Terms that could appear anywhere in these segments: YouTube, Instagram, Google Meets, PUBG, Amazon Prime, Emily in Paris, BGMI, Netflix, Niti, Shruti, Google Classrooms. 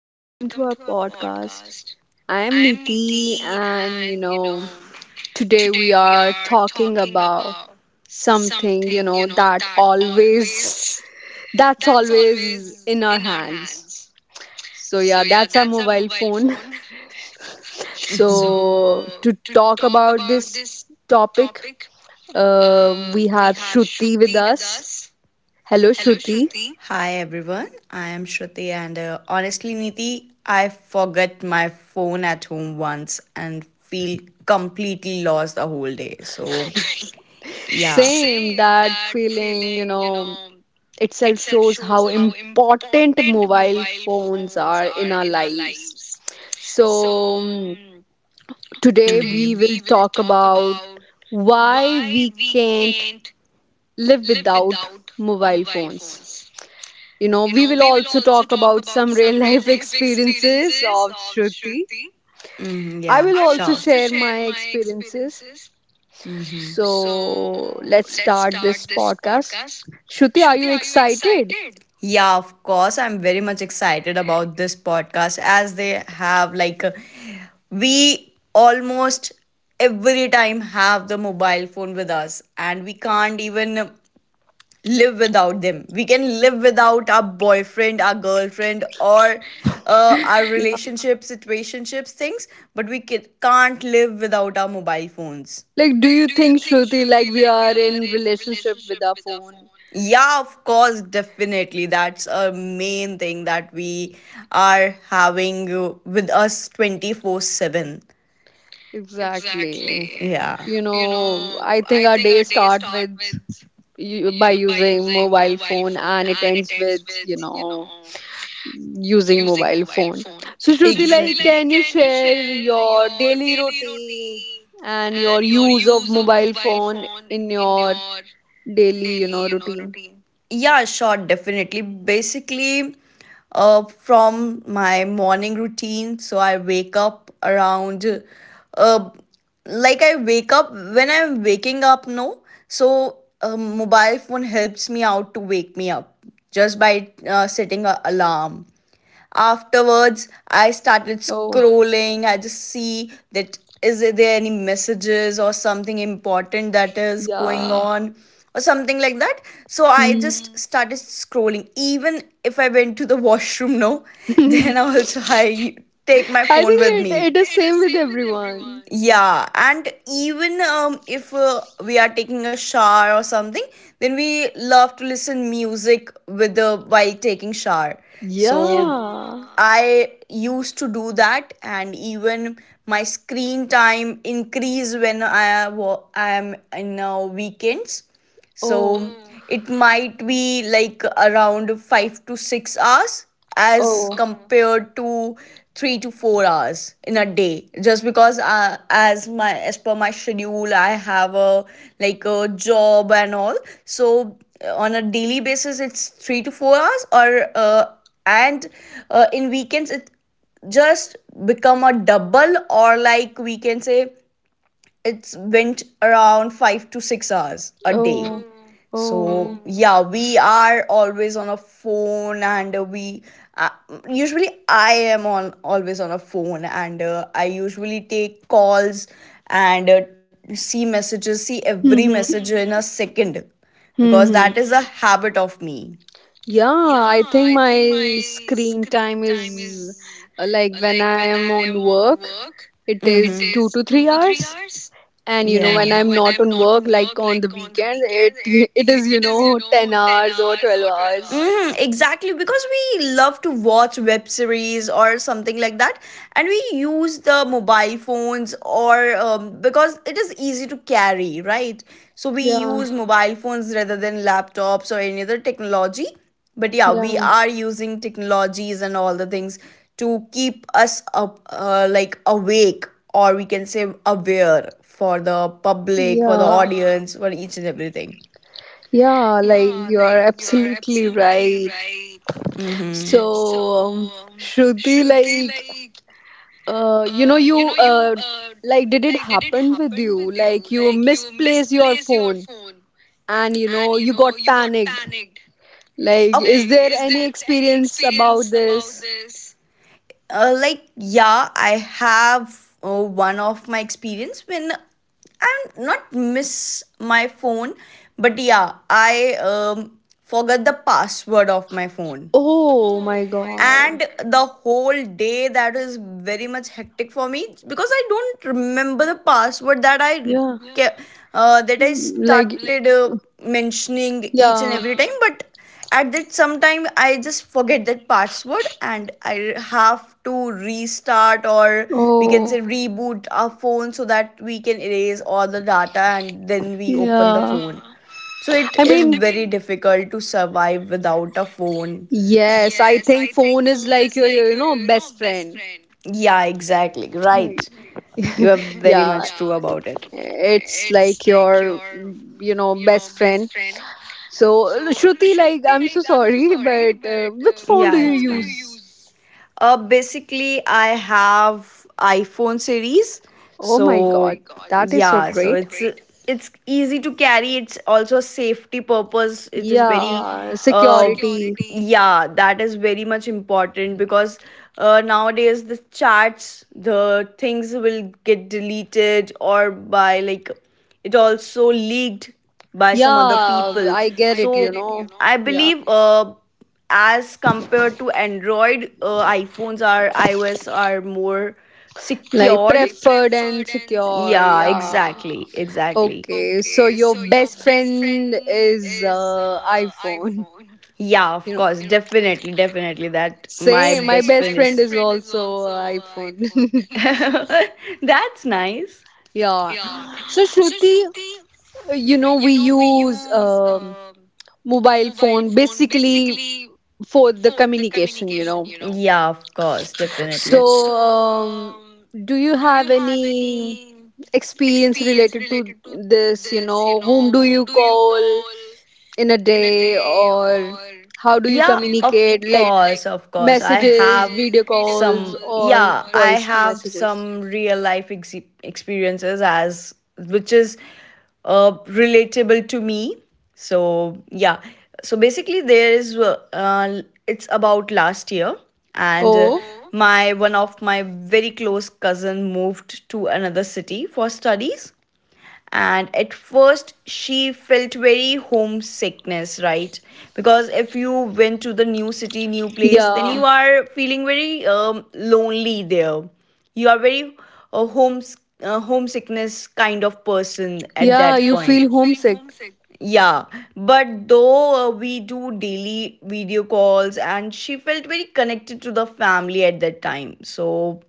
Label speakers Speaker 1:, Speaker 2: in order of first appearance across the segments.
Speaker 1: Welcome to our podcast. I am Niti, and today we are talking about something that always that's always in our hands. So yeah, that's our mobile phone. So to talk about this topic, we have Shruti with us. Hello, Shruti.
Speaker 2: Hi everyone, I am Shruti, and honestly, Niti, I forget my phone at home once and feel completely lost the whole day. So, yeah,
Speaker 1: Same that feeling itself shows how important mobile phones are in our lives. So, today we will talk about why we can't live without mobile phones. You know, we will also talk about some real life experiences of Shruti.
Speaker 2: Mhm,
Speaker 1: I
Speaker 2: yeah,
Speaker 1: will also
Speaker 2: sure.
Speaker 1: share my experiences.
Speaker 2: Mm-hmm.
Speaker 1: So, let's start this podcast. Shruti, are you excited?
Speaker 2: Yeah, of course, I'm very much excited about this podcast as they have we almost every time have the mobile phone with us and we can't even live without them. We can live without our boyfriend, our girlfriend, or our relationship, situationships, things, but we can't live without our mobile phones.
Speaker 1: Like, do you think, Shruti, like we are in relationship with our phone?
Speaker 2: Yeah, of course, definitely. That's a main thing that we are having with us 24/7.
Speaker 1: Exactly.
Speaker 2: Yeah.
Speaker 1: You know, I think our day start with by using mobile phone, and it ends with using mobile phone. So, Shruti, like,
Speaker 2: Exactly.
Speaker 1: can you share your daily routine and your use of mobile phone in your daily routine?
Speaker 2: Yeah, sure, definitely. Basically, from my morning routine, so I wake up around, uh, I wake up when I'm waking up, no? So, mobile phone helps me out to wake me up just by setting a alarm. Afterwards, I started
Speaker 1: Oh,
Speaker 2: scrolling. I just see, that is there any messages or something important that is going
Speaker 1: yeah.
Speaker 2: on or something like that? So I
Speaker 1: Hmm.
Speaker 2: just started scrolling. Even if I went to the washroom, no, then also I take my
Speaker 1: I
Speaker 2: phone
Speaker 1: think
Speaker 2: with
Speaker 1: it,
Speaker 2: me.
Speaker 1: it is same with everyone.
Speaker 2: Yeah, and even if we are taking a shower or something, then we love to listen music with the while taking shower. So yeah.
Speaker 1: Yeah.
Speaker 2: I used to do that, and even my screen time increase when I I am in weekends. So
Speaker 1: Oh,
Speaker 2: it might be like around 5 to 6 hours as
Speaker 1: oh,
Speaker 2: compared to 3 to 4 hours in a day, just because as per my schedule I have a like a job and all. So on a daily basis it's 3 to 4 hours or and in weekends it just become a double, or like we can say it's went around 5 to 6 hours a day.
Speaker 1: oh,
Speaker 2: So
Speaker 1: oh.
Speaker 2: yeah, we are always on a phone and we uh, usually I am on always on a phone, and I usually take calls, and see messages, see every
Speaker 1: Mm-hmm.
Speaker 2: message in a second, because
Speaker 1: Mm-hmm.
Speaker 2: that is a habit of me.
Speaker 1: Yeah, I think my screen time is like when I am on work, it is 2 to 3 hours. And you know,
Speaker 2: Yeah.
Speaker 1: when I'm not on work, like on the weekends, it it is10 hours or 12 hours.
Speaker 2: Mm, exactly, because we love to watch web series or something like that, and we use the mobile phones or because it is easy to carry, right? So we
Speaker 1: Yeah,
Speaker 2: use mobile phones rather than laptops or any other technology. But yeah, we
Speaker 1: yeah,
Speaker 2: are using technologies and all the things to keep us up, like awake, or we can say aware, for the public, for the
Speaker 1: yeah,
Speaker 2: audience, for each and everything.
Speaker 1: yeah, like you're absolutely right. So,
Speaker 2: Mm-hmm.
Speaker 1: Shruti, like you know you like did it happen with you, like you misplaced your phone and you know you got panicked, like
Speaker 2: Oh.
Speaker 1: is there any experience about this?
Speaker 2: Like, yeah, I have one of my experience when I'm not miss my phone, but yeah, I forgot the password of my phone,
Speaker 1: Oh my
Speaker 2: and
Speaker 1: god.
Speaker 2: the whole day that is very much hectic for me, because I don't remember the password that I
Speaker 1: Yeah.
Speaker 2: that I
Speaker 1: Hmm, like
Speaker 2: started mentioning each and
Speaker 1: yeah.
Speaker 2: every time, but at that sometime I just forget that password, and I have to restart, or we can say
Speaker 1: Oh,
Speaker 2: reboot our phone, so that we can erase all the data and then we open the
Speaker 1: yeah,
Speaker 2: phone. So it
Speaker 1: I
Speaker 2: is
Speaker 1: mean,
Speaker 2: very difficult to survive without a phone.
Speaker 1: yes, I think phone is like your best friend.
Speaker 2: Yeah, exactly. Right.
Speaker 1: Right.
Speaker 2: You are very
Speaker 1: Yeah,
Speaker 2: much true about it.
Speaker 1: it's like your best friend. So, Shruti, like, I'm so sorry, but which phone do
Speaker 2: Yeah,
Speaker 1: you
Speaker 2: it's fine.
Speaker 1: use?
Speaker 2: Basically, I have iPhone series.
Speaker 1: Oh my
Speaker 2: So
Speaker 1: God,
Speaker 2: so
Speaker 1: that is so
Speaker 2: yeah, That's so
Speaker 1: great.
Speaker 2: so it's easy to carry. It's also a safety purpose. It is very
Speaker 1: Yeah,
Speaker 2: uh,
Speaker 1: security.
Speaker 2: yeah, that is very much important, because nowadays the chats, the things will get deleted, or by like it also leaked by some other
Speaker 1: Yeah,
Speaker 2: people.
Speaker 1: I get it,
Speaker 2: So
Speaker 1: you know.
Speaker 2: I
Speaker 1: Yeah,
Speaker 2: believe as compared to Android, iPhones are, iOS are more
Speaker 1: like
Speaker 2: secured. Like,
Speaker 1: preferred and secure.
Speaker 2: yeah,
Speaker 1: Yeah.
Speaker 2: exactly, exactly.
Speaker 1: Okay, so your best friend is iPhone,
Speaker 2: Yeah, of
Speaker 1: you know.
Speaker 2: course, definitely, definitely. That my
Speaker 1: Same, my
Speaker 2: best, say,
Speaker 1: best
Speaker 2: friend
Speaker 1: friend
Speaker 2: is
Speaker 1: is also iPhone.
Speaker 2: that's nice.
Speaker 1: Yeah. So Shruti we use mobile phone basically for the communication
Speaker 2: Yeah, of course, definitely.
Speaker 1: so, um, do you have any experience related to this whom do you call in a day, or how do you
Speaker 2: Yeah, of course,
Speaker 1: communicate, like
Speaker 2: like, of course. I
Speaker 1: messages,
Speaker 2: have
Speaker 1: video calls,
Speaker 2: some,
Speaker 1: or
Speaker 2: yeah, I
Speaker 1: voice
Speaker 2: have
Speaker 1: messages?
Speaker 2: some real life experiences as which is relatable to me. So, yeah. So basically, there is it's about last year, and
Speaker 1: Oh,
Speaker 2: oh. my one of my very close cousin moved to another city for studies, and at first she felt very homesickness, right? Because if you went to the new city, new place, then
Speaker 1: yeah.
Speaker 2: you are feeling very lonely there. You are very uh, homes homesickness kind of person at that,
Speaker 1: Yeah,
Speaker 2: yeah,
Speaker 1: you feel
Speaker 2: point.
Speaker 1: homesick.
Speaker 2: Yeah, but though we do daily video calls, and she felt very connected to the family at that time. So,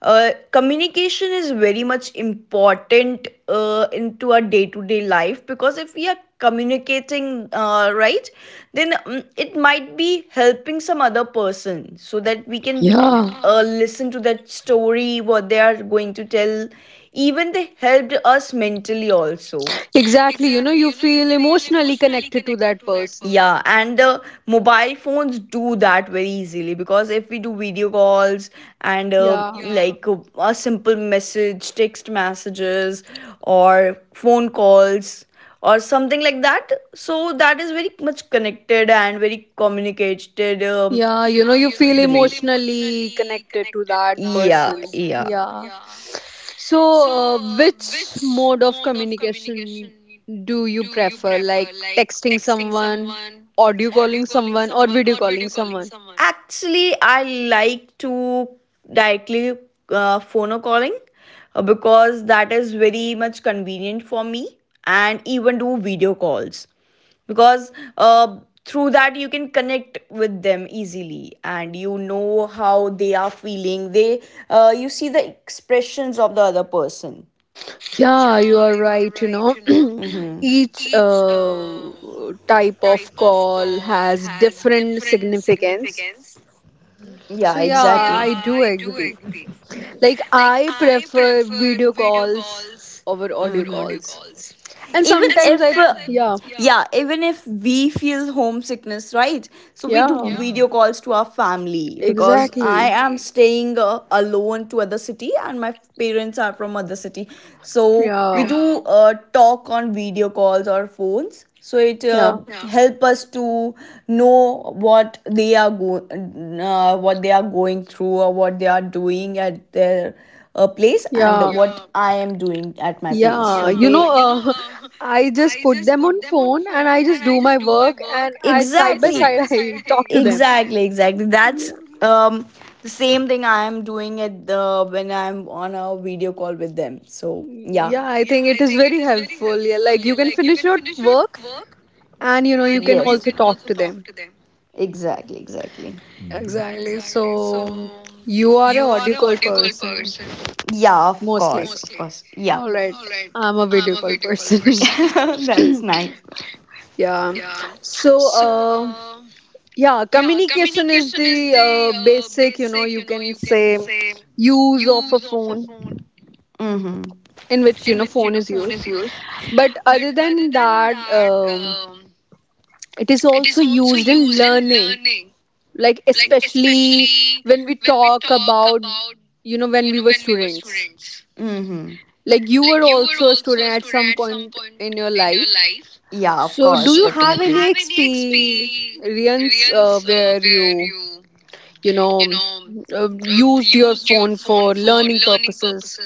Speaker 2: communication is very much important into our day to day life, because if we are communicating right, then it might be helping some other person, so that we can
Speaker 1: Yeah,
Speaker 2: listen to that story, what they are going to tell. Even they helped us mentally also.
Speaker 1: exactly, you know, you feel emotionally connected to that person.
Speaker 2: Yeah, and the mobile phones do that very easily, because if we do video calls and
Speaker 1: Yeah.
Speaker 2: yeah, like a simple message, text messages, or phone calls or something like that, so that is very much connected and very communicated.
Speaker 1: Yeah you feel
Speaker 2: Believe.
Speaker 1: emotionally connected to that
Speaker 2: Yeah,
Speaker 1: person.
Speaker 2: yeah.
Speaker 1: Yeah. So, which mode of communication do you prefer? Like texting someone,
Speaker 2: one
Speaker 1: audio calling someone, or video calling someone?
Speaker 2: Actually, I like to directly phono calling, because that is very much convenient for me, and even do video calls, because uh, through that you can connect with them easily, and you know how they are feeling. They you see the expressions of the other person.
Speaker 1: Yeah, you are right. You know, each type of call has different significance.
Speaker 2: Yeah,
Speaker 1: So, yeah,
Speaker 2: exactly.
Speaker 1: I do agree. Like, I prefer video calls over audio calls. And
Speaker 2: Even, and
Speaker 1: sometimes
Speaker 2: if sometimes,
Speaker 1: yeah,
Speaker 2: yeah, yeah, even if we feel homesickness, right, so we do,
Speaker 1: yeah,
Speaker 2: yeah, video calls to our family, because exactly, I
Speaker 1: exactly.
Speaker 2: am staying alone to other city, and my parents are from other city, so we, yeah,
Speaker 1: Yeah,
Speaker 2: do talk on video calls or phones, so it
Speaker 1: yeah,
Speaker 2: yeah, help us to know what they are what they are going through, or what they are doing at their place, and
Speaker 1: yeah,
Speaker 2: yeah, what I am doing at my place. Yeah.
Speaker 1: yeah.
Speaker 2: So
Speaker 1: You
Speaker 2: they
Speaker 1: know, uh, I just put them on phone and I just do my work and I side by
Speaker 2: exactly,
Speaker 1: side I talk to them.
Speaker 2: exactly, exactly, that's
Speaker 1: Yeah.
Speaker 2: um the same thing I am doing at the when I'm on a video call with them. So yeah,
Speaker 1: Yeah, I think it is very helpful. Yeah, like you can finish your work and you can
Speaker 2: yes,
Speaker 1: also talk to them.
Speaker 2: exactly, exactly.
Speaker 1: Exactly. So you are a audio call person
Speaker 2: Yeah, of
Speaker 1: mostly.
Speaker 2: course, of course, yeah.
Speaker 1: All right. I'm a video call person.
Speaker 2: Person. That's nice.
Speaker 1: Yeah. So, yeah, communication is the basic you can say, use of a phone
Speaker 2: Mm-hmm.
Speaker 1: in which phone is used. But other than that, it is also used in learning, like especially when we talk about when we were students.
Speaker 2: Mm-hmm.
Speaker 1: Like you were also a student at some point in your life.
Speaker 2: Yeah, of
Speaker 1: So, do you have any experience where you used your phone for learning purposes.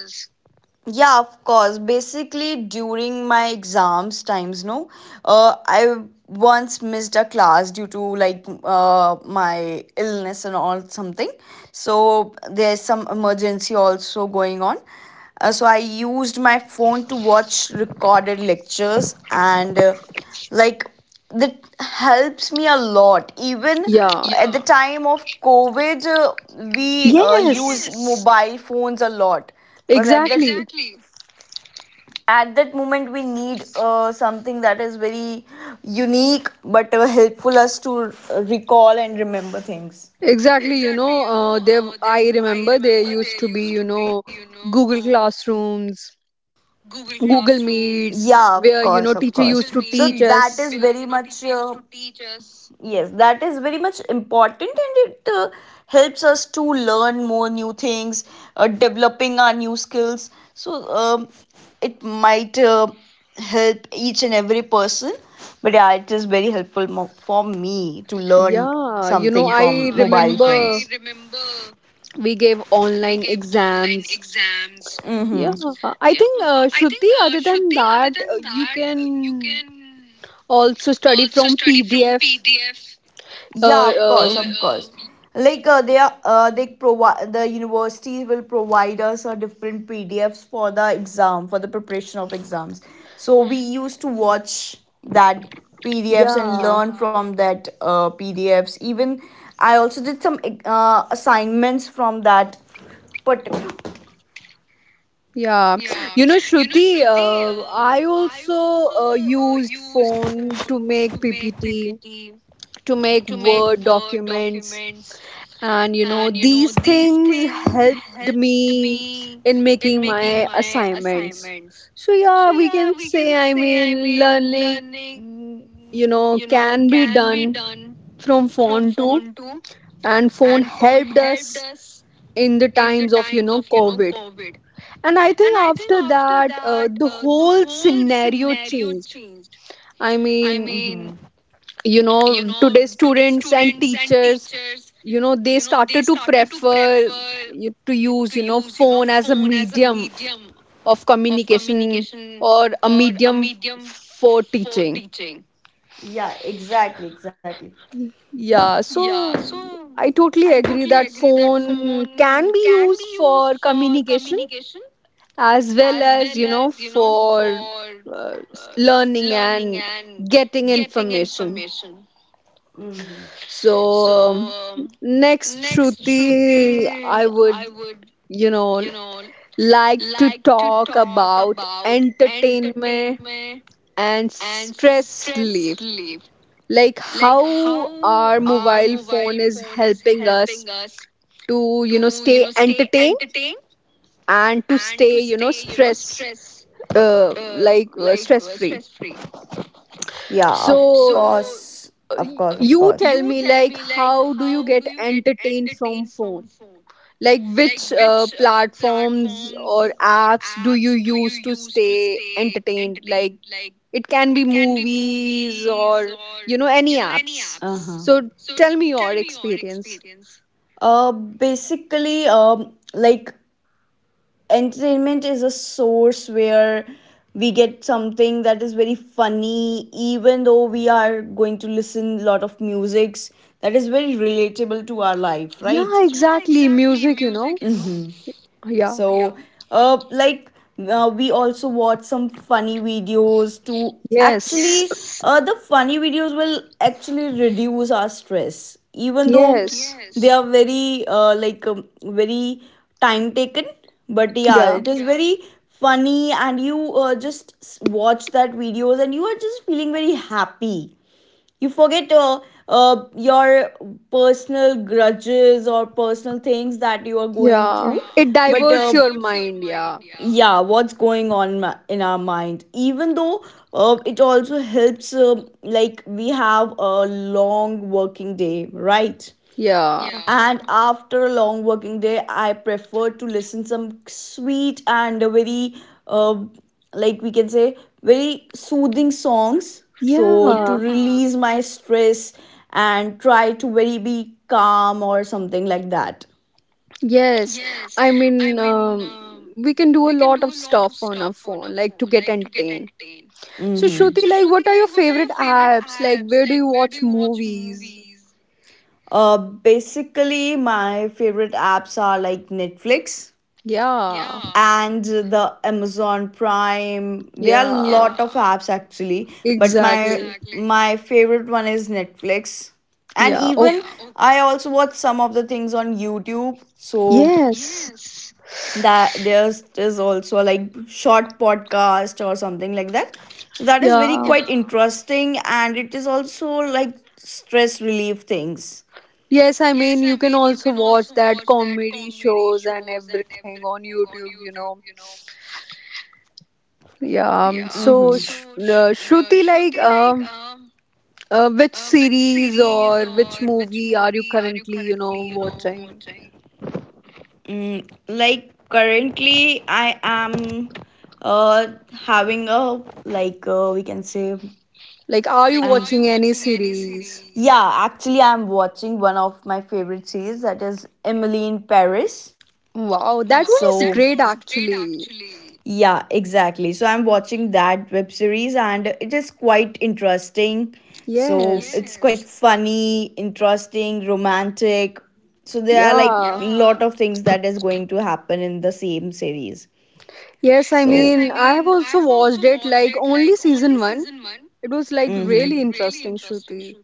Speaker 2: Yeah, of course. Basically, during my exams times, no, I once missed a class due to like my illness and all something. So there's some emergency also going on. So I used my phone to watch recorded lectures and like that helps me a lot. Even
Speaker 1: Yeah.
Speaker 2: at the, yeah, time of COVID, we used,
Speaker 1: Yes.
Speaker 2: yes, mobile phones a lot, because at that,
Speaker 1: Exactly.
Speaker 2: at that moment we need something that is very unique but helpful us to recall and remember things.
Speaker 1: Exactly. You know, there. I remember there used to be Google Classrooms,
Speaker 2: Yeah, of course, of
Speaker 1: Google
Speaker 2: course.
Speaker 1: Meets,
Speaker 2: So that
Speaker 1: where
Speaker 2: is very
Speaker 1: teacher used
Speaker 2: much
Speaker 1: to
Speaker 2: uh,
Speaker 1: teach us.
Speaker 2: yes, that is very much important, and it helps us to learn more new things, developing our new skills. So um, it might help each and every person, but yeah, it is very helpful for me to learn something
Speaker 1: Yeah.
Speaker 2: from
Speaker 1: You know,
Speaker 2: mobile,
Speaker 1: I
Speaker 2: you,
Speaker 1: remember
Speaker 2: phones.
Speaker 1: we gave online exams.
Speaker 2: Mm-hmm.
Speaker 1: Yeah. I think, Shruti, other than that, you can also study from PDF. uh,
Speaker 2: Yeah, of course, of Or
Speaker 1: uh,
Speaker 2: course. Like they are, they provide, the university will provide us different PDFs for the exam, for the preparation of exams. So we used to watch that PDFs and
Speaker 1: yeah,
Speaker 2: learn, yeah, from that PDFs. Even I also did some assignments from that particular.
Speaker 1: yeah. Shruti, I also used phone to make ppt, to make word documents, and these things helped me in making my assignments. So yeah, we can say, I mean, learning, mm, can be done from phone too, and phone helped us in the times of covid. And I think after that, the whole scenario changed. I mean today students and teachers they started to prefer to use phone as a medium of communication or a medium for teaching.
Speaker 2: Yeah, exactly, exactly.
Speaker 1: Yeah, so I totally agree that phone can be used for communication as well as for learning and getting information.
Speaker 2: Mm-hmm.
Speaker 1: So um, next, Shruti, I would you know like to talk about entertainment and stress relief, like how our mobile phone is helping us to stay entertained and to stay stress free.
Speaker 2: Yeah, of
Speaker 1: So
Speaker 2: course, of course, of
Speaker 1: you
Speaker 2: course.
Speaker 1: tell me, like, how do you get entertained from phone, like which platforms or apps do you use to stay entertained? Like, it can be movies or any apps.
Speaker 2: Uh-huh.
Speaker 1: So tell me your experience.
Speaker 2: Basically, entertainment is a source where we get something that is very funny, even though we are going to listen a lot of musics that is very relatable to our life,
Speaker 1: Yeah,
Speaker 2: right?
Speaker 1: exactly, music yeah.
Speaker 2: So, yeah. Like, we also watch some funny videos to
Speaker 1: Yes.
Speaker 2: actually, the funny videos will actually reduce our stress, even though
Speaker 1: Yes.
Speaker 2: they are very, very time taken. But yeah,
Speaker 1: Yeah.
Speaker 2: it is, yeah, very funny, and you just watch that videos, and you are just feeling very happy. You forget uh, your personal grudges or personal things that you are going through.
Speaker 1: Yeah, it
Speaker 2: But
Speaker 1: diverts your mind. Yeah.
Speaker 2: yeah, what's going on in our mind, even though it also helps like we have a long working day, right,
Speaker 1: Yeah.
Speaker 2: and after a long working day I prefer to listen some sweet and very uh, like we can say very soothing songs, so yeah, to,
Speaker 1: Yeah.
Speaker 2: yeah, release my stress, and try to very be calm or something like that.
Speaker 1: Yes, I mean, we can do a lot of stuff on our phone, like to get entertained. So,
Speaker 2: Hmm.
Speaker 1: Shruti, like, what are your favorite apps? Like, where do you watch movies?
Speaker 2: Basically, my favorite apps are like Netflix,
Speaker 1: Yeah,
Speaker 2: yeah, and the Amazon Prime. There are a, yeah,
Speaker 1: yeah,
Speaker 2: lot of apps actually, but my,
Speaker 1: exactly.
Speaker 2: exactly, my favorite one is Netflix. And
Speaker 1: Yeah. Oh,
Speaker 2: even, yeah, okay, I also watch some of the things on YouTube. So
Speaker 1: yes.
Speaker 2: that there's also like short podcast or something like that. So that is very
Speaker 1: Yeah.
Speaker 2: quite, yeah, interesting, and it is also like stress relief things.
Speaker 1: Yes. I mean, you can also watch that comedy shows and everything on YouTube. Yeah. Um, so Sh uh, Shruti, like, which series or which movie are you currently watching?
Speaker 2: Mm, like currently, I am uh having a we can say
Speaker 1: Like, are you
Speaker 2: um,
Speaker 1: watching any series?
Speaker 2: yeah. Actually, I'm watching one of my favorite series, that is Emily in Paris.
Speaker 1: Wow, that one
Speaker 2: So
Speaker 1: is great actually.
Speaker 2: yeah, exactly. So I'm watching that web series and it is quite interesting. So yes,
Speaker 1: Yes.
Speaker 2: it's quite, yes, funny, interesting, romantic. So there are like
Speaker 1: Yeah.
Speaker 2: lot of things that is going to happen in the same series.
Speaker 1: Yes, I
Speaker 2: So,
Speaker 1: mean, I have also watched it, like, only season one. It was, like, really
Speaker 2: mhm,
Speaker 1: interesting, Shruti.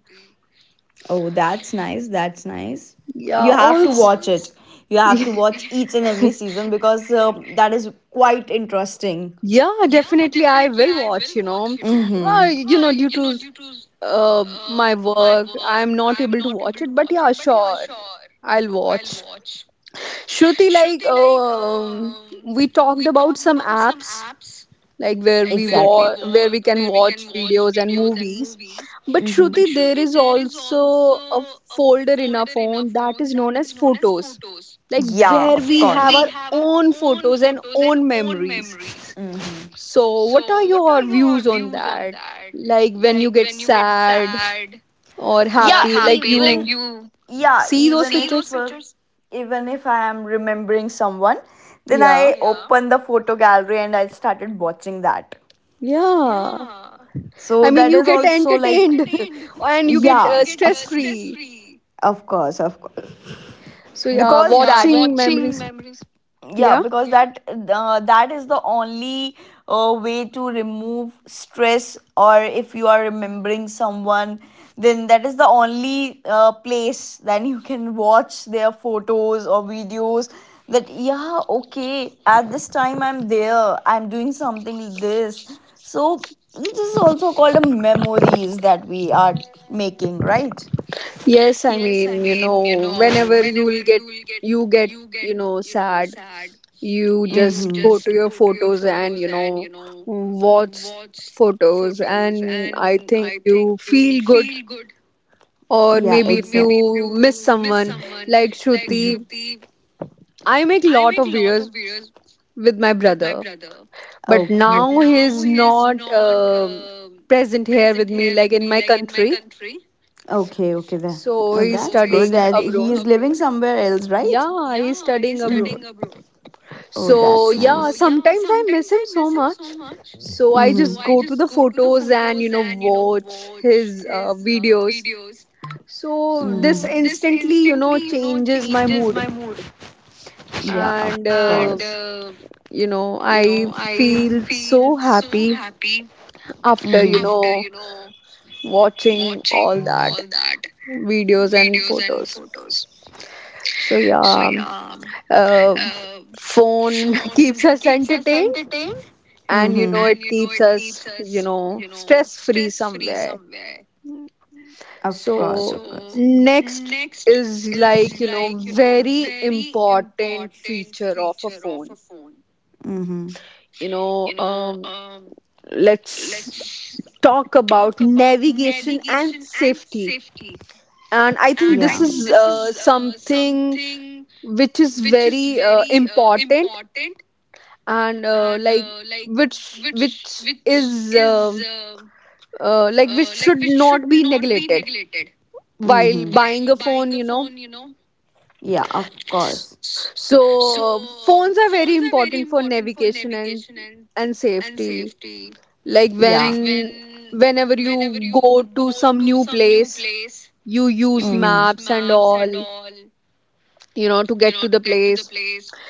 Speaker 2: oh, that's nice. That's nice. You
Speaker 1: Yeah,
Speaker 2: have to
Speaker 1: also.
Speaker 2: watch it. You have to watch each and every season because that is quite interesting.
Speaker 1: Yeah, definitely I will watch. Well
Speaker 2: Mm-hmm.
Speaker 1: due to my work, I'm not able to watch it, but yeah, sure, I'll watch. Shruti, like we talked about some apps, like where we
Speaker 2: Exactly.
Speaker 1: where we can watch videos and movies, but
Speaker 2: Mhm.
Speaker 1: Shruti, there is also a folder in our phone that is known as photos, like
Speaker 2: Yeah,
Speaker 1: where
Speaker 2: of
Speaker 1: we
Speaker 2: course.
Speaker 1: have our own photos and own memories.
Speaker 2: Or
Speaker 1: So, what are your views on that? Like when you get sad or happy,
Speaker 2: yeah,
Speaker 1: like you
Speaker 2: even- yeah,
Speaker 1: see those pictures?
Speaker 2: even if I am remembering someone, then i,
Speaker 1: Yeah,
Speaker 2: yeah, open the photo gallery and I started watching that.
Speaker 1: yeah.
Speaker 2: So
Speaker 1: I mean,
Speaker 2: that
Speaker 1: you
Speaker 2: is I
Speaker 1: get
Speaker 2: also
Speaker 1: entertained
Speaker 2: like,
Speaker 1: and you get
Speaker 2: yeah,
Speaker 1: stress free.
Speaker 2: of course, of course,
Speaker 1: So, yeah,
Speaker 2: because yeah, that,
Speaker 1: watching memories.
Speaker 2: yeah,
Speaker 1: Yeah.
Speaker 2: because that that is the only way to remove stress. Or if you are remembering someone, then that is the only place then you can watch their photos or videos. That, yeah, okay, at this time I'm there, I'm doing something like this, so this is also called a memories that we are making, right?
Speaker 1: Yes, I mean whenever you get sad, you just go to your photos and watch photos. And I think you feel good. Or
Speaker 2: Yeah,
Speaker 1: maybe if you miss someone, like Shruti,
Speaker 2: but
Speaker 1: I make lot of videos with my brother, but
Speaker 2: okay.
Speaker 1: now he's not present here with me, like in my country.
Speaker 2: Okay, okay. That,
Speaker 1: So he's studying abroad.
Speaker 2: somewhere else, right?
Speaker 1: Yeah, he's studying abroad.
Speaker 2: Oh,
Speaker 1: So
Speaker 2: that's
Speaker 1: yeah, sometimes I miss him so much, so I just go to the photos and watch his videos. So this instantly changes my mood,
Speaker 2: yeah,
Speaker 1: and
Speaker 2: of,
Speaker 1: I feel so happy after
Speaker 2: mm-hmm.
Speaker 1: watching all that videos and photos. So yeah, uh, phone keeps us entertained, and
Speaker 2: Mm-hmm.
Speaker 1: it keeps us stress free somewhere.
Speaker 2: Of course,
Speaker 1: So
Speaker 2: of course.
Speaker 1: next is, like, you know, very important feature of a phone.
Speaker 2: Mm-hmm.
Speaker 1: You know, let's talk about navigation and safety. And I think this
Speaker 2: Yeah.
Speaker 1: is something which is very important, and like which is like which should not be neglected while
Speaker 2: Mm-hmm.
Speaker 1: buying a phone.
Speaker 2: Yeah, of
Speaker 1: S-
Speaker 2: course.
Speaker 1: so phones are very important for navigation and safety, like when
Speaker 2: Yeah.
Speaker 1: whenever you go to some new place, you use maps and all to get to the place,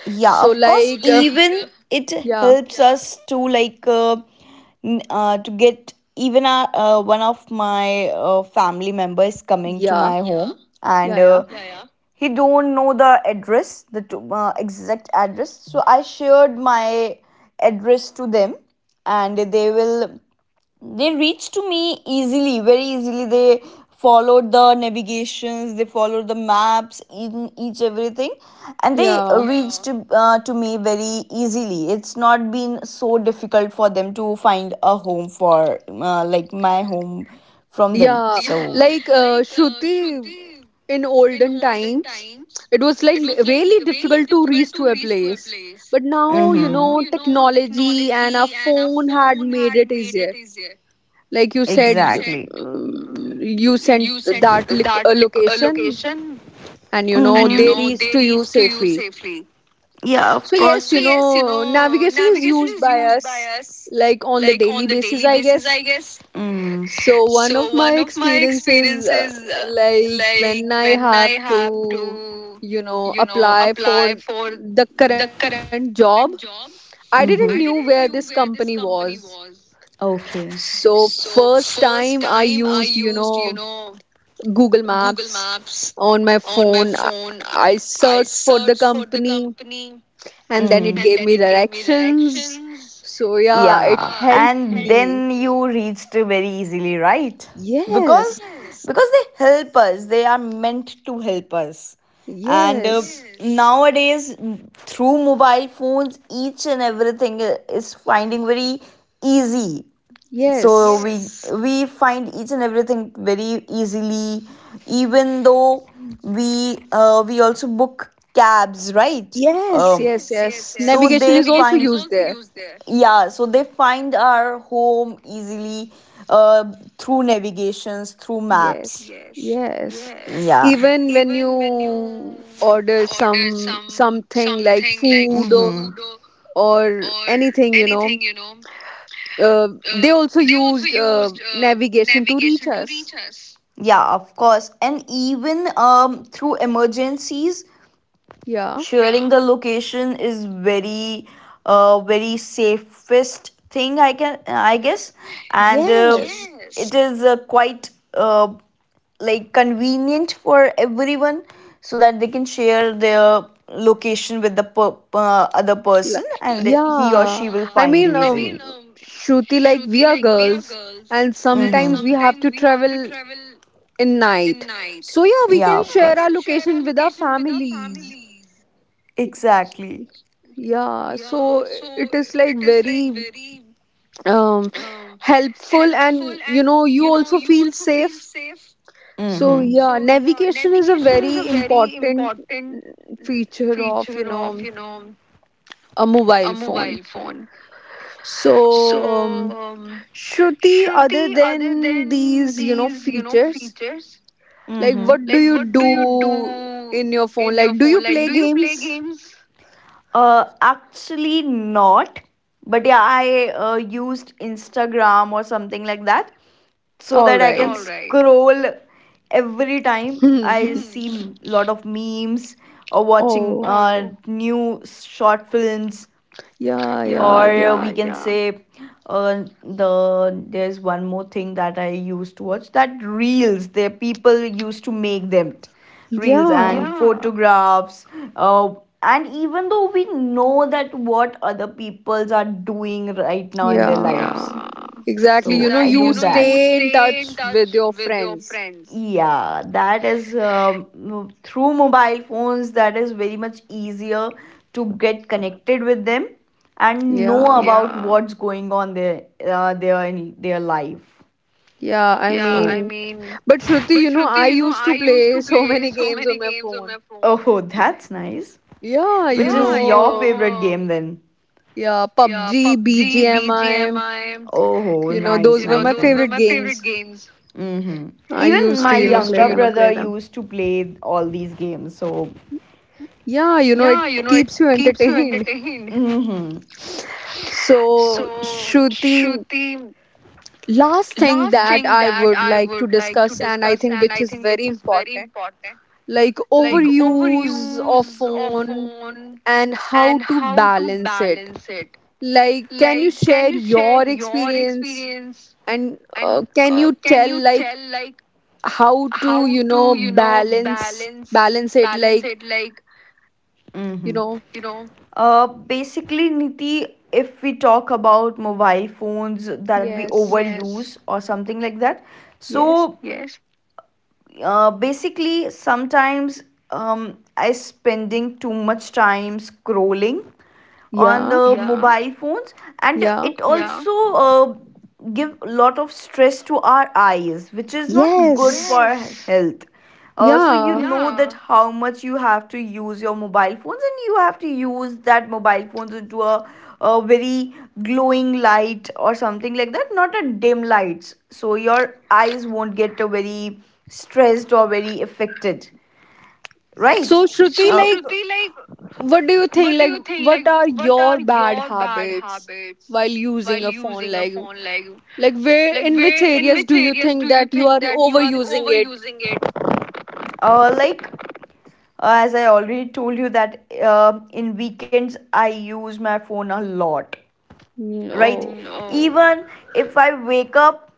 Speaker 2: Yeah,
Speaker 1: so
Speaker 2: of course,
Speaker 1: like
Speaker 2: even it
Speaker 1: yeah,
Speaker 2: helps us to like to get even our, one of my family members coming to
Speaker 1: yeah,
Speaker 2: my, yeah, home, and
Speaker 1: yeah, yeah,
Speaker 2: he don't know the address, the exact address, so I shared my address to them and they reached to me easily, very easily. They followed the navigations, they followed the maps, each everything, and they
Speaker 1: yeah.
Speaker 2: reached to me very easily. It's not been so difficult for them to find a home for like my home from them.
Speaker 1: Yeah,
Speaker 2: So
Speaker 1: like
Speaker 2: yeah,
Speaker 1: Shruti, in olden times, it was like really difficult to reach to a place. But now technology and our phone had made it easier. Like you
Speaker 2: you
Speaker 1: said,
Speaker 2: exactly, you,
Speaker 1: um, you sent that lic location and
Speaker 2: mm-hmm,
Speaker 1: they reached to you safely.
Speaker 2: yeah, of
Speaker 1: So,
Speaker 2: course,
Speaker 1: yes navigation is used by us like on the daily basis, I guess.
Speaker 2: mm,
Speaker 1: So one of my experiences, like when I have to apply for the current job, I didn't knew
Speaker 2: mm-hmm,
Speaker 1: where this company was.
Speaker 2: okay,
Speaker 1: So first time I used Google Maps on my phone. I searched for the company, and then
Speaker 2: mm,
Speaker 1: it gave me directions. So yeah, it
Speaker 2: yeah.
Speaker 1: helped
Speaker 2: And
Speaker 1: me.
Speaker 2: then you reached very easily, right? Because
Speaker 1: Yes,
Speaker 2: yes, because they help us. They are meant to help us. And
Speaker 1: yes,
Speaker 2: yes, nowadays through mobile phones each and everything is finding very easy. So
Speaker 1: yes.
Speaker 2: we find each and everything very easily. Even though we, we also book cabs, right?
Speaker 1: Yes,
Speaker 2: Um,
Speaker 1: yes, yes.
Speaker 2: so
Speaker 1: Navigation is also used there.
Speaker 2: yeah, so they find our home easily, uh, through navigations, through maps.
Speaker 1: Yes, yes.
Speaker 2: Yeah.
Speaker 1: Even when you order something like food or anythinguh, they also used navigation to reach us.
Speaker 2: Yeah, of course. And even, um, through emergencies,
Speaker 1: Yeah.
Speaker 2: sharing the location is very, very safest thing I can I guess. And
Speaker 1: Yes.
Speaker 2: it is quite like convenient for everyone, so that they can share their location with the other
Speaker 1: L-
Speaker 2: person and he or
Speaker 1: Yeah.
Speaker 2: she will
Speaker 1: I
Speaker 2: find you
Speaker 1: mean,
Speaker 2: easily. Easily,
Speaker 1: Shruti, like we are girls, and sometimes we
Speaker 2: mm-hmm,
Speaker 1: have to travel in night. So yeah, we
Speaker 2: yeah,
Speaker 1: can
Speaker 2: of
Speaker 1: share
Speaker 2: course
Speaker 1: our
Speaker 2: we
Speaker 1: location with our families.
Speaker 2: exactly,
Speaker 1: Yeah, so it is like very um helpful, and you also feel safe. So
Speaker 2: mhm,
Speaker 1: yeah, navigation is a very important feature of a mobile phone. So Shruti, other than these features, like what
Speaker 2: mhm.
Speaker 1: do you do in your phone? Like, do you play games?
Speaker 2: Actually, not. But yeah, I used Instagram or something like that, so
Speaker 1: All
Speaker 2: that I can
Speaker 1: right.
Speaker 2: scroll every time I, mm, see a lot of memes or watching
Speaker 1: Oh,
Speaker 2: new short films.
Speaker 1: yeah, yeah,
Speaker 2: Or
Speaker 1: yeah.
Speaker 2: we can say, there's one more thing that I used to watch, that reels, the people used to make them, reels and,
Speaker 1: Yeah,
Speaker 2: yeah, photographs. uh, and even though we know that what other peoples are doing right now in their
Speaker 1: yeah.
Speaker 2: lives. So
Speaker 1: Exactly. You know,
Speaker 2: I
Speaker 1: you
Speaker 2: do that.
Speaker 1: stay in touch with your friends.
Speaker 2: Yeah, that is, through mobile phones that is very much easier to get connected with them and know
Speaker 1: Yeah,
Speaker 2: about what's going on their in their life.
Speaker 1: yeah. I mean,
Speaker 2: So,
Speaker 1: but Shruti I used to play so many games on my phone.
Speaker 2: oh, that's nice.
Speaker 1: Yeah
Speaker 2: which which is your you favorite game then?
Speaker 1: yeah, PUBG, BGMI
Speaker 2: Oh, nice, nice,
Speaker 1: those were my favorite
Speaker 2: nice.
Speaker 1: games.
Speaker 2: Hmm.
Speaker 1: I
Speaker 2: Even
Speaker 1: used to
Speaker 2: my younger
Speaker 1: play
Speaker 2: younger
Speaker 1: them.
Speaker 2: brother used to play all these games. So,
Speaker 1: Yeah it keeps you entertained.
Speaker 2: hmm,
Speaker 1: So, Shruti, last thing that I would like to discuss, and I think which is very important, like overuse of phone and how to balance it. Like, can you share your experience? And can you tell, like how to balance it, like you
Speaker 2: hmm,
Speaker 1: know
Speaker 2: basically, Niti, if we talk about mobile phones that we
Speaker 1: yes.
Speaker 2: overuse, yes, or something like that,
Speaker 1: Yes.
Speaker 2: so basically sometimes, I spending too much time scrolling on
Speaker 1: Yeah.
Speaker 2: the, yeah, mobile phones, and
Speaker 1: Yeah.
Speaker 2: it, yeah, also, yeah, give a lot of stress to our eyes, which is not good, yes,
Speaker 1: Yes.
Speaker 2: for, yes, health. So you,
Speaker 1: Yeah.
Speaker 2: yeah, know that, yeah, how much you have to use your mobile phones, and you have to use that mobile phones into a very glowing light or something like that, not a dim lights, so your eyes won't get a very stressed or very affected, right?
Speaker 1: So Shruti,
Speaker 2: uh,
Speaker 1: like, what do you think? Like, what are your bad habits while using a phone? Like, where in which areas do you think that you are overusing it?
Speaker 2: like as I already told you that in weekends I use my phone a lot,
Speaker 1: Mm.
Speaker 2: right?
Speaker 1: Oh,
Speaker 2: Even if I wake up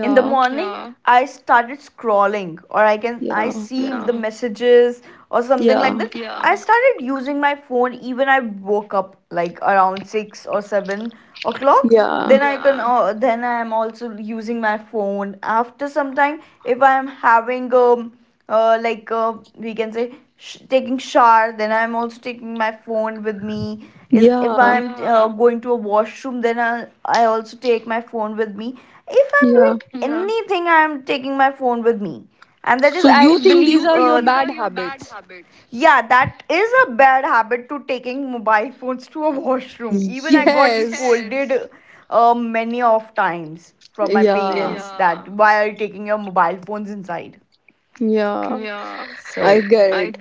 Speaker 2: in the morning, yeah, I started scrolling or I can I
Speaker 1: yeah,
Speaker 2: see, yeah, the messages or something like
Speaker 1: yeah,
Speaker 2: that, yeah, I started using my phone. Even I woke up like around 6 or 7 o'clock,
Speaker 1: yeah,
Speaker 2: then, yeah, I can, yeah, then I am also using my phone after some time. If I am having um, like we can say, taking shower, then I'm also taking my phone with me. Is If
Speaker 1: yeah,
Speaker 2: I'm going to a washroom, then I'll, I also take my phone with me. If I'm doing,
Speaker 1: yeah.
Speaker 2: yeah, anything, I'm taking my phone with me. And that is
Speaker 1: So
Speaker 2: i,
Speaker 1: you
Speaker 2: so
Speaker 1: think these
Speaker 2: believe
Speaker 1: are your bad
Speaker 2: you,
Speaker 1: habits?
Speaker 2: yeah, that is a bad habit to taking mobile phones to a washroom. Even I got
Speaker 1: Yes.
Speaker 2: scolded many of times from my
Speaker 1: Yeah,
Speaker 2: parents that why are you taking your mobile phones inside.
Speaker 1: yeah,
Speaker 2: So,
Speaker 1: I get it.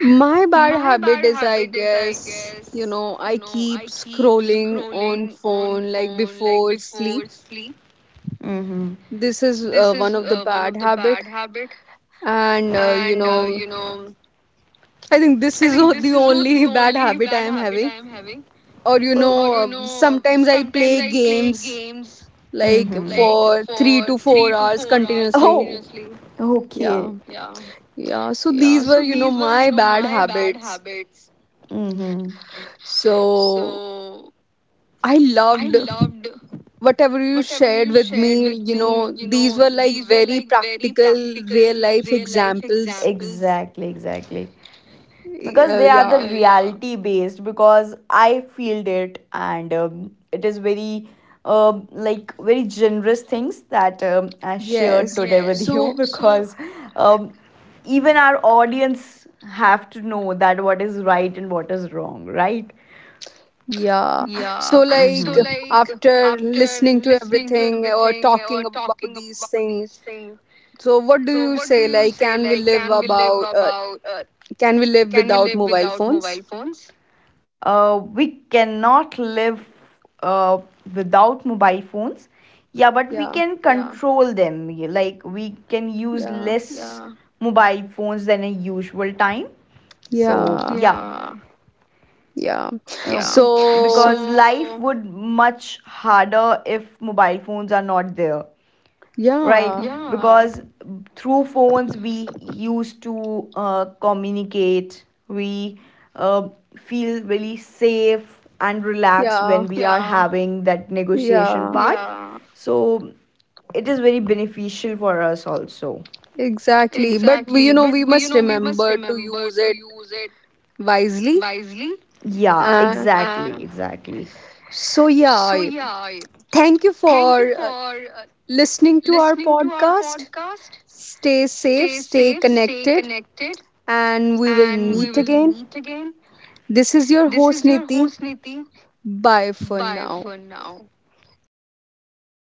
Speaker 1: My bad habit is, I guess I keep scrolling on phone like before sleep.
Speaker 2: mm-hmm,
Speaker 1: This is one of the bad habit. And I think this is the only bad habit I am having. Or
Speaker 2: oh,
Speaker 1: sometimes I play games like
Speaker 2: mm-hmm,
Speaker 1: for 3 to 4 hours continuously. Yeah,
Speaker 2: okay,
Speaker 1: yeah, so these were my bad habits.
Speaker 2: mm-hmm,
Speaker 1: So I loved whatever you shared with me, you know, these were like very practical, real life examples.
Speaker 2: exactly. Because they are the
Speaker 1: Yeah,
Speaker 2: reality based because I feel it, and it is very, um, like very generous things that, I shared
Speaker 1: yes.
Speaker 2: today, yes, with you
Speaker 1: So
Speaker 2: because, um, even our audience have to know that what is right and what is wrong, right?
Speaker 1: yeah. So, like, after listening to everything, or talking about these things, so what do you say? Like, can we live about? Can we live without mobile phones?
Speaker 2: We cannot live uh, without mobile phones, yeah, but we
Speaker 1: Yeah.
Speaker 2: can control, yeah, them. Yeah, like we can use
Speaker 1: Yeah.
Speaker 2: less mobile phones than a usual time. So
Speaker 1: Yeah.
Speaker 2: yeah. Uh,
Speaker 1: Yeah.
Speaker 2: because
Speaker 1: So,
Speaker 2: life would much harder if mobile phones are not there, right?
Speaker 1: yeah.
Speaker 2: Because through phones we used to communicate. We uh, feel really safe and relaxed when
Speaker 1: Yeah.
Speaker 2: we, yeah, are having that negotiation
Speaker 1: Yeah.
Speaker 2: part. So it is very beneficial for us also.
Speaker 1: Exactly. But we must remember to use it wisely.
Speaker 2: Yeah,
Speaker 1: Uh,
Speaker 2: exactly, yeah, exactly.
Speaker 1: so yeah. Thank you for listening to our podcast. Stay safe, stay connected, and we will meet again. This is your host Niti. Bye for now.
Speaker 2: Bye bye,